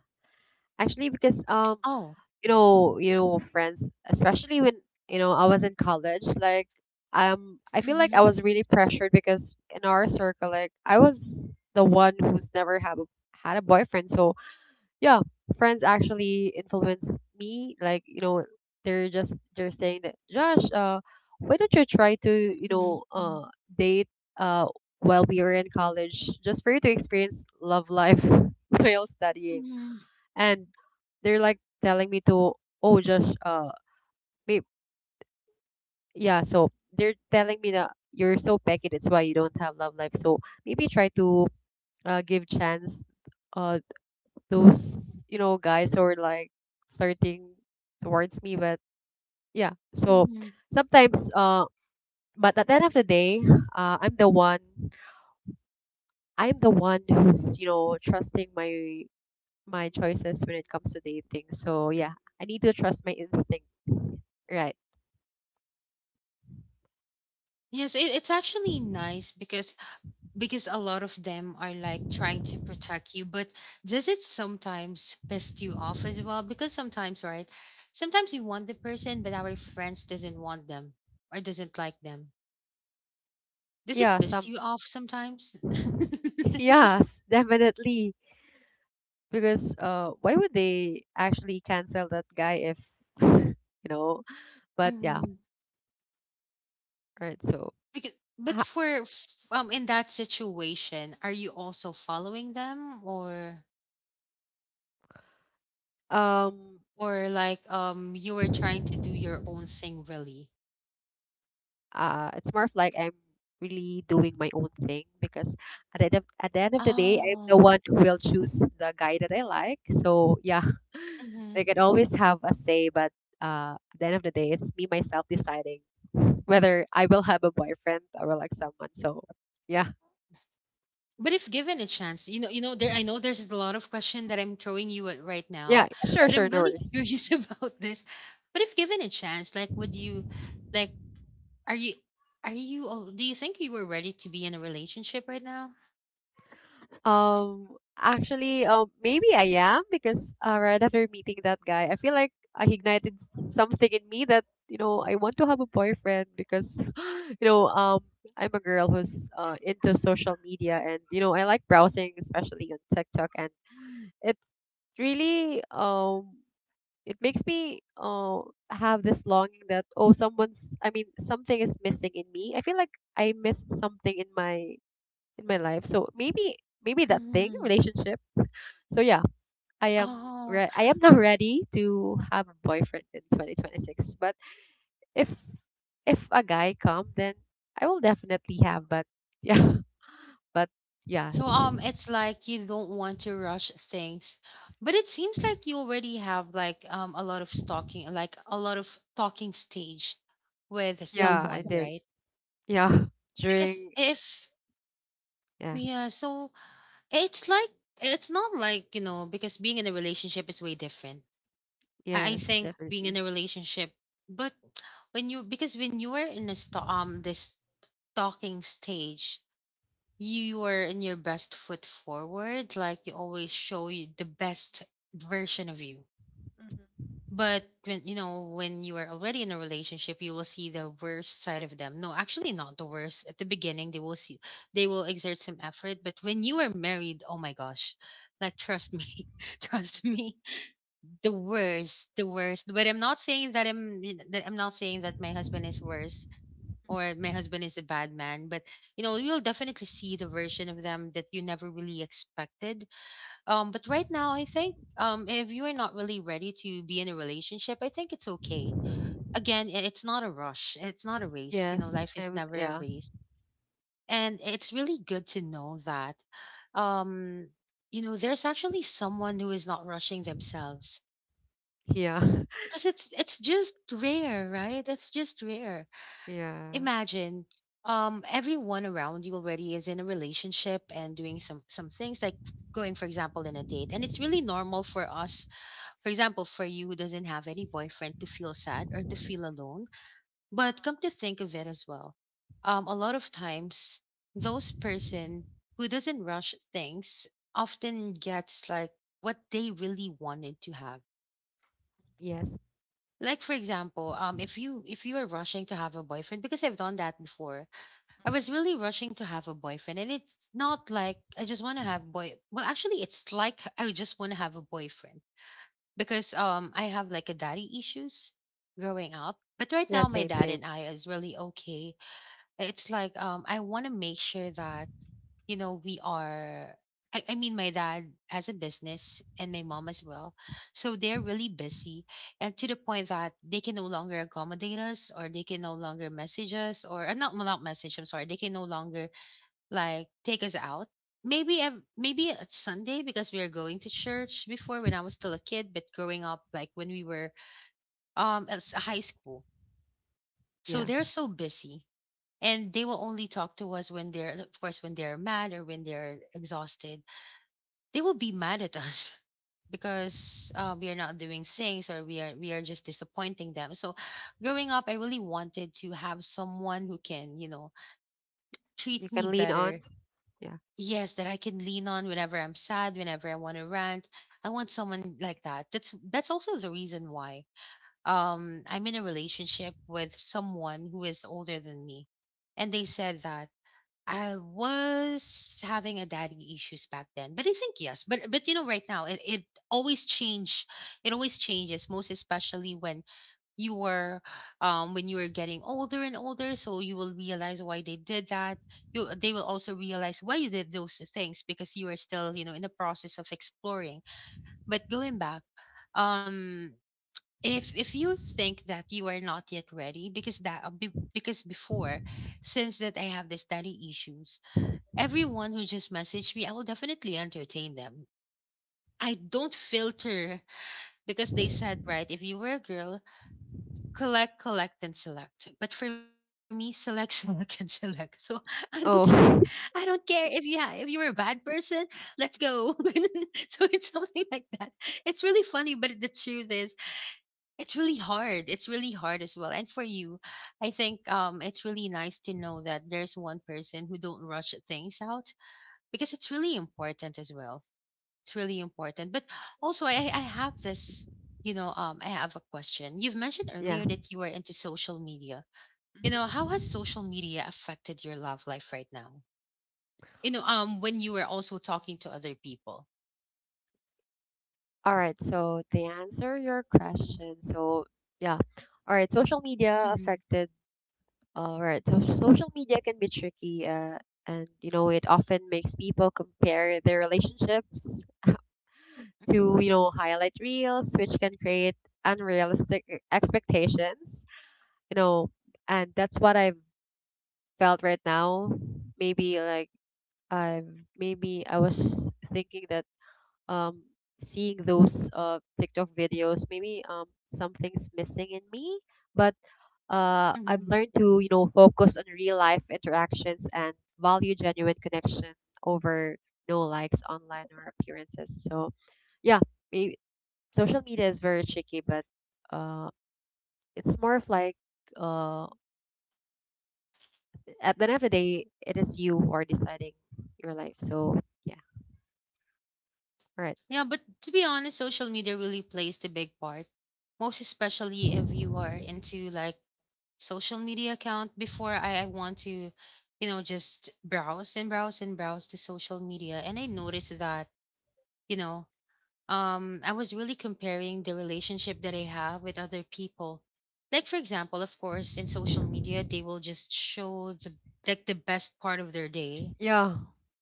Actually, because
Oh.
you know, friends, especially when, you know, I was in college, like, I feel like
Hmm.
I was really pressured because in our circle, like, I was the one who's never have a, had a boyfriend. So yeah, friends actually influenced me, like, you know, they're just they're saying that, Josh, why don't you try to, you
Hmm.
know, date, uh while we were in college, just for you to experience love life [laughs] while studying.
Hmm.
And they're like telling me to, oh, just maybe, yeah. So they're telling me that you're so pecky, that's why you don't have love life. So maybe try to give chance, uh those, you know, guys who are like flirting towards me. But yeah, so
Hmm.
sometimes, but at the end of the day, uh i'm the one I'm the one who's, you know, trusting my my choices when it comes to dating. So yeah, I need to trust my instinct, right?
Yes, it's actually nice because a lot of them are like trying to protect you, but does it sometimes piss you off as well? Because sometimes, right? Sometimes you want the person, but our friends doesn't want them or doesn't like them. Does it
yeah
piss
some
you off sometimes? [laughs]
Yes, definitely. Because why would they actually cancel that guy, if [laughs] you know? But yeah,
Mm-hmm.
right. So
Because, but
ha-
in that situation, are you also following them
um,
or like you were trying to do your own thing really?
it's more of like I'm really doing my own thing, because at the end of, at the end of the day, I'm the
Oh.
one who will choose the guy that I like. So yeah, [laughs] they
Mhm.
can always have a say, but at the end of the day, it's me myself deciding whether I will have a boyfriend or like someone. So yeah.
But if given a chance, there I know there's a lot of question that I'm throwing you at right
Yeah,
now,
yeah, sure,
but I'm
sure, no
really [laughs]
worries.
curious about this. But if given a chance, like would you like are you are you oh, do you think you were ready to be in a relationship right now?
Actually, maybe I am, because right after meeting that guy, I feel like I ignited something in me that, you know, I want to have a boyfriend because [gasps] you know I'm a girl who's into social media, and you know I like browsing, especially on TikTok, and it really it makes me have this longing that, oh, someone's I mean something is missing in me. I feel like I missed something in my life. So maybe maybe that thing,
Mhm.
relationship. So yeah, I am
Oh.
I am [laughs] not ready to have a boyfriend in 2026. But if if a guy come, then I will definitely have. But yeah, [laughs] but yeah,
So it's like you don't want to rush things. But it seems like you already have like a lot of stalking, like a lot of talking stage with
yeah, I
someone,
did.
right?
Yeah, [laughs]
Because
during
if
yeah,
yeah, so it's like it's not like, you know, because being in a relationship is way different. I
yes,
think being in
definitely.
a relationship, but when you because when you are in a this talking stage, you were in your best foot forward, like you always show you the best version of you. But when you know, when you are already in a relationship, you will see the worst side of them. No, actually not the worst. At the beginning, they will see they will exert some effort. But when you are married, oh my gosh, like trust me, [laughs] trust me, the worst, the worst. But I'm not saying that my husband is worse or my husband is a bad man, but you know, you'll definitely see the version of them that you never really expected. But right now I think if you are not really ready to be in a relationship, I think it's okay. Again, it's not a rush, it's not a race, you know,
Yes,
life is
I'm
never a
yeah,
race. And it's really good to know that um you know, there's actually someone who is not rushing themselves,
yeah,
because it's just rare, right? It's just rare.
[laughs] yeah,
Imagine everyone around you already is in a relationship and doing some things like going for example in a date, and it's really normal for us, for example, for you who doesn't have any boyfriend, to feel sad or to feel alone. But come to think of it as well, a lot of times those person who doesn't rush things often gets like what they really wanted to have.
yes,
Like for example, if you are rushing to have a boyfriend, because I've done that before.
Mhm.
I was really rushing to have a boyfriend, and it's not like I just want to have boy. Well, actually, it's like I just want to have a boyfriend because I have like a daddy issues growing up. But right
Yeah,
now, my
same,
dad
same.
and I is really okay. It's like I want to make sure that you know we are. I mean, my dad has a business and my mom as well, so they're really busy, and to the point that they can no longer accommodate us, or they can no longer message us, or not, well, not message. I'm sorry, they can no longer like take us out. Maybe maybe at Sunday because we are going to church before when I was still a kid, but growing up like when we were high school. So
Yeah,
they're so busy and they will only talk to us when they're of course when they're mad or when they're exhausted. They will be mad at us [laughs] because we are not doing things or we are just disappointing them. So growing up I really wanted to have someone who can, you know,
you
treat
can
me
lean on.
better.
Yeah.
Yes, that I can lean on whenever I'm sad, whenever I want to rant. I want someone like that. That's also the reason why I'm in a relationship with someone who is older than me. And they said that I was having a daddy issues back then. But I think yes, but you know right now it always change, it always changes, most especially you were when you were getting older and older, so you will realize why they did that, you they will also realize why you did those things because you are still you know in the process of exploring. But going back, um if you think that you are not yet ready, because that because before, since that I have the study issues, everyone who just messaged me I will definitely entertain them. I don't filter because they said, right, if you were a girl, collect, collect, and select. But for me, select, [laughs] select, and select. So [laughs] I don't care. I
Oh,
don't care if yeah, if you were a bad person, let's go. [laughs] So it's something like that. It's really funny, but the truth is, it's really hard. It's really hard as well. And for you, I think it's really nice to know that there's one person who don't rush things out, because it's really important as well. It's really important. But also, I have this, you know, I have a question. You've mentioned
[laughs] yeah.
earlier that you are into social media. You know, how
Mhm.
has social media affected your love life right now? You know, when you were also talking to other people.
All right, so to answer your question, so yeah, all right, social media
Hmm.
affected. All right, so social media can be tricky, and you know it often makes people compare their relationships [laughs] to, you know, highlight reels, which can create unrealistic expectations. You know, and that's what I've felt right now. Maybe like I maybe I was thinking that um, seeing those TikTok videos, maybe something's missing in me. But
Hmm.
I've learned to, you know, focus on real life interactions and value genuine connection over no likes online or appearances. So, yeah, maybe social media is very tricky, but uh, it's more of like uh, at the end of the day, it is you who are deciding your life. So, yeah, all right.
Yeah, but to be honest, social media really plays the big part, most especially if you are into like social media account. Before I want to, you know, just browse and browse and browse to social media, and I noticed that you know I was really comparing the relationship that I have with other people. Like for example, of course, in social media, they will just show the like the best part of their day.
Yeah.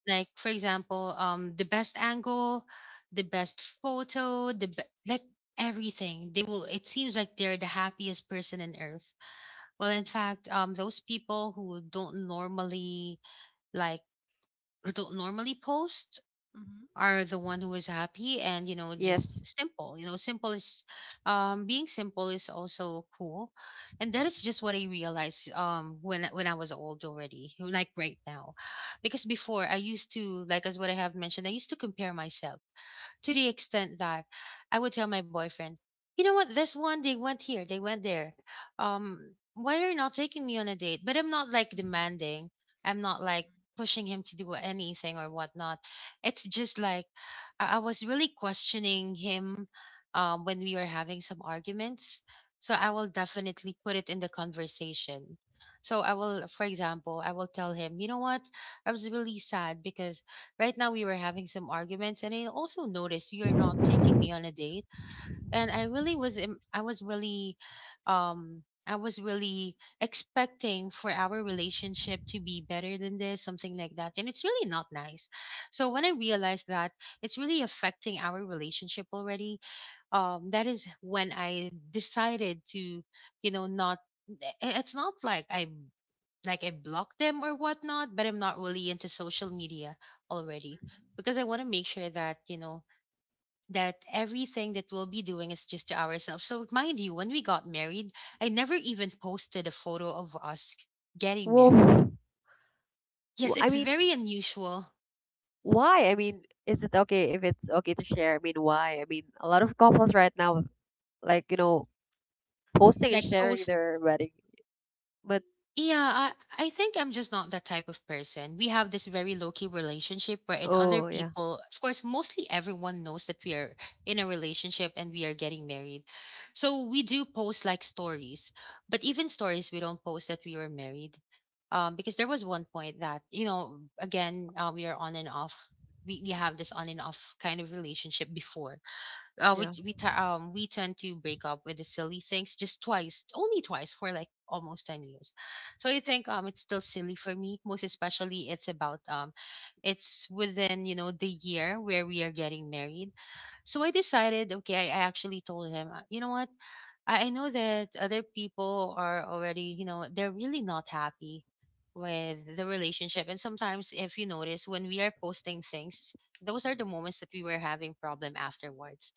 Like for example, the best angle, the best photo, the like everything. They will. It seems like they're the happiest person on earth. Well, in fact, those people who don't normally like who don't normally post
hmm
are the one who is happy, and you know just
Yes.
simple you know simple is being simple is also cool. And that is just what I realized when I was old already like right now, because before I used to like as what I have mentioned, I used to compare myself to the extent that I would tell my boyfriend, you know what, this one, they went here, they went there. Why are you not taking me on a date? But I'm not like demanding, I'm not like pushing him to do anything or whatnot. It's just like I was really questioning him when we were having some arguments. So I will definitely put it in the conversation. So I will, for example, I will tell him, you know what, I was really sad because right now, we were having some arguments, and I also noticed you're not taking me on a date. And I really I was really, I was really expecting for our relationship to be better than this, something like that. And it's really not nice. So when I realized that it's really affecting our relationship already, that is when I decided to, you know, not. It's not like I like I block them or whatnot, but I'm not really into social media already because I want to make sure that, you know, that everything that we'll be doing is just to ourselves. So, mind you, when we got married, I never even posted a photo of us
Mm-hmm.
getting married.
Whoa.
Yes,
I
it's
mean,
very unusual.
why? I mean, is it okay, if it's okay to share? I mean, why? I mean, a lot of couples right now, like, you know, posting and
Like,
sharing
post
their wedding. But,
yeah, I think I'm just not that type of person. We have this very low key relationship where, in other
oh, yeah,
people, of course, mostly everyone knows that we are in a relationship and we are getting married. So we do post like stories, but even stories, we don't post that we were married. Because there was one point that, you know, again, we are on and off. We have this on and off kind of relationship before.
yeah.
We tend to break up with the silly things just twice, only twice for like almost 10 years. So I think it's still silly for me. Most especially, it's about it's within you know the year where we are getting married. So I decided, okay, I actually told him, you know what, I know that other people are already, they're really not happy with the relationship. And sometimes, if you notice, when we are posting things, those are the moments that we were having problem afterwards.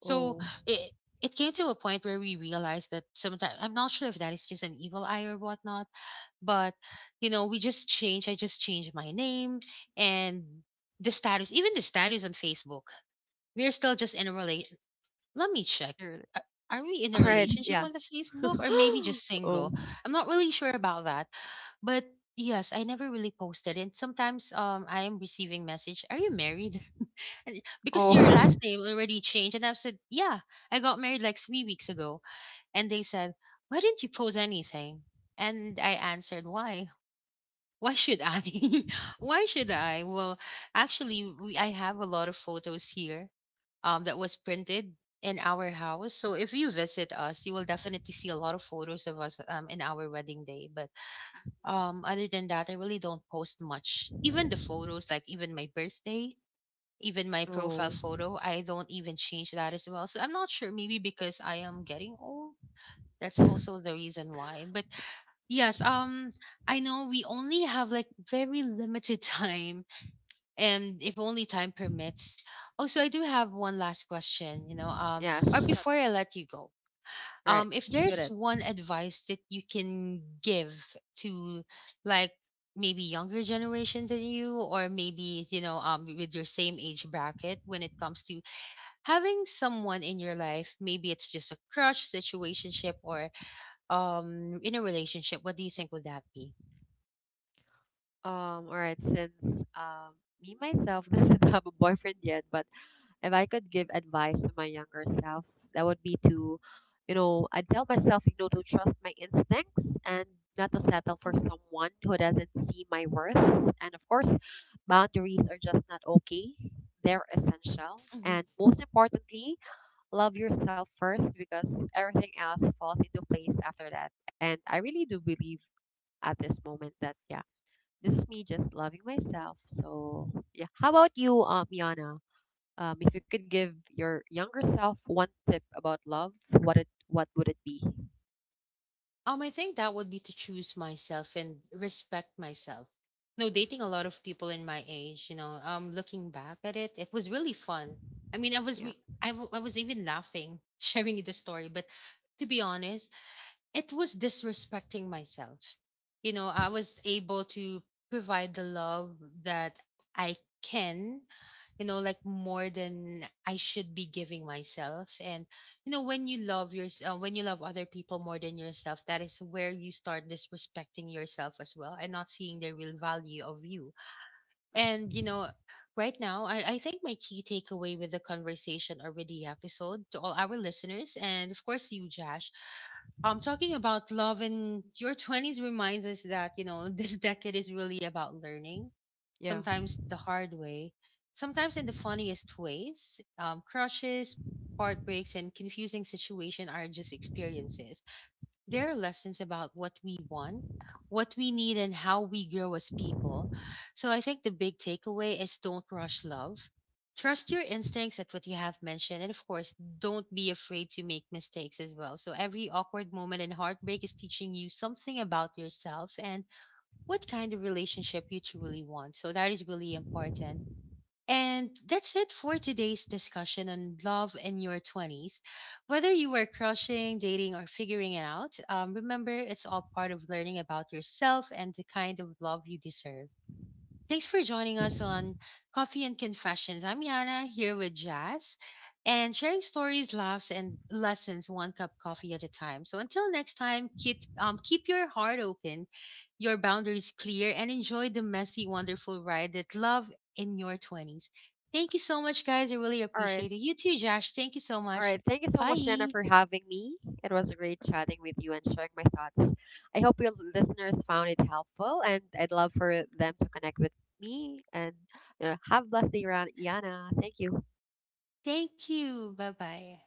So
Oh,
it it came to a point where we realized that sometimes I'm not sure if that is just an evil eye or whatnot, but we just changed. I just changed my name and the status, even the status on Facebook. We're still just in a relation. Let me check.
you're,
Are are we in
[laughs]
a
all right,
relationship
yeah.
on the Facebook or maybe just
[laughs] oh,
single? I'm not really sure about that. But yes, I never really posted. And sometimes I am receiving message, are you married? And because your
oh,
last name already changed. And I said, yeah, I got married like 3 weeks ago. And they said, why didn't you post anything? And I answered, why? [laughs] Why should I? [laughs] Why should I? Well, actually, I have a lot of photos here that was printed in our house. So if you visit us, you will definitely see a lot of photos of us, in our wedding day. But other than that, I really don't post much. Even the photos, like even my birthday, even my
[laughs]
profile
oh,
photo, I don't even change that as well. So I'm not sure, maybe because I am getting old. That's also the reason why. But yes, I know we only have like very limited [laughs] time, and if only time permits. Oh, so I do have one last question,
yeah,
or before I let you go.
all right,
If
shoot
there's
it.
one advice that you can give to, like, maybe younger generation than you, or maybe with your same age bracket when it comes to having someone in your life, maybe it's just a crush situationship or, in a relationship, what do you think would that be?
All right, since, me myself [laughs] doesn't have a boyfriend yet, but if I could give advice to my younger self, that would be to, you know, I'd tell myself, you know, to trust my instincts and not to settle for someone who doesn't see my worth. And of course, boundaries are just not okay, they're essential.
Mm-hmm.
And most importantly, love yourself first, because everything else falls into place after that. And I really do believe at this moment that, yeah, this is me just loving myself. So, yeah. How about you, Yana? If you could give your younger self one tip about love, what would it be?
I think that would be to choose myself and respect myself. No, dating a lot of people in my age, looking back at it, it was really fun. I mean, I was
Yeah.
re- I, w- I was even laughing [laughs] sharing the story, but to be honest, it was disrespecting myself. You know, I was able to provide the love that I can, more than I should be giving myself. And when you love yourself, when you love other people more than yourself, that is where you start disrespecting yourself as well and not seeing the real value of you. And right now, I think my key takeaway with the conversation or with the episode to all our listeners, and of course, you, Josh, talking about love in your 20s reminds us that [laughs] this decade is really about learning,
Yeah.
sometimes the hard way, sometimes in the funniest ways, crushes, heartbreaks, and confusing situation are just experiences. There are lessons about what we want, what we need, and how we grow as people. So I think the big takeaway is don't rush love. Trust your instincts, at what you have mentioned. And of course, don't be afraid to make mistakes as well. So every awkward moment and heartbreak is teaching you something about yourself and what kind of relationship you truly want. So that is really important. And that's it for today's discussion on love in your 20s. Whether you were crushing, dating, or figuring it out, remember, it's all part of learning about yourself and the kind of love you deserve. Thanks for joining us on Coffee and Confessions. I'm Yana here with Jazz, and sharing stories, laughs, and lessons one cup coffee at a time. So until next time, keep your heart open, your boundaries clear, and enjoy the messy, wonderful ride that love in your 20s. Thank you so much, guys. I really
All right.
appreciate it. You too, Josh. Thank you so
All
much.
right. Thank you so much, Jenna,
Bye.
for having me. It was great chatting with you and sharing my thoughts. I hope your listeners found it helpful, and I'd love for them to connect with me. And, you know, have a blessed day, Yana. Thank you.
Thank you. Bye bye.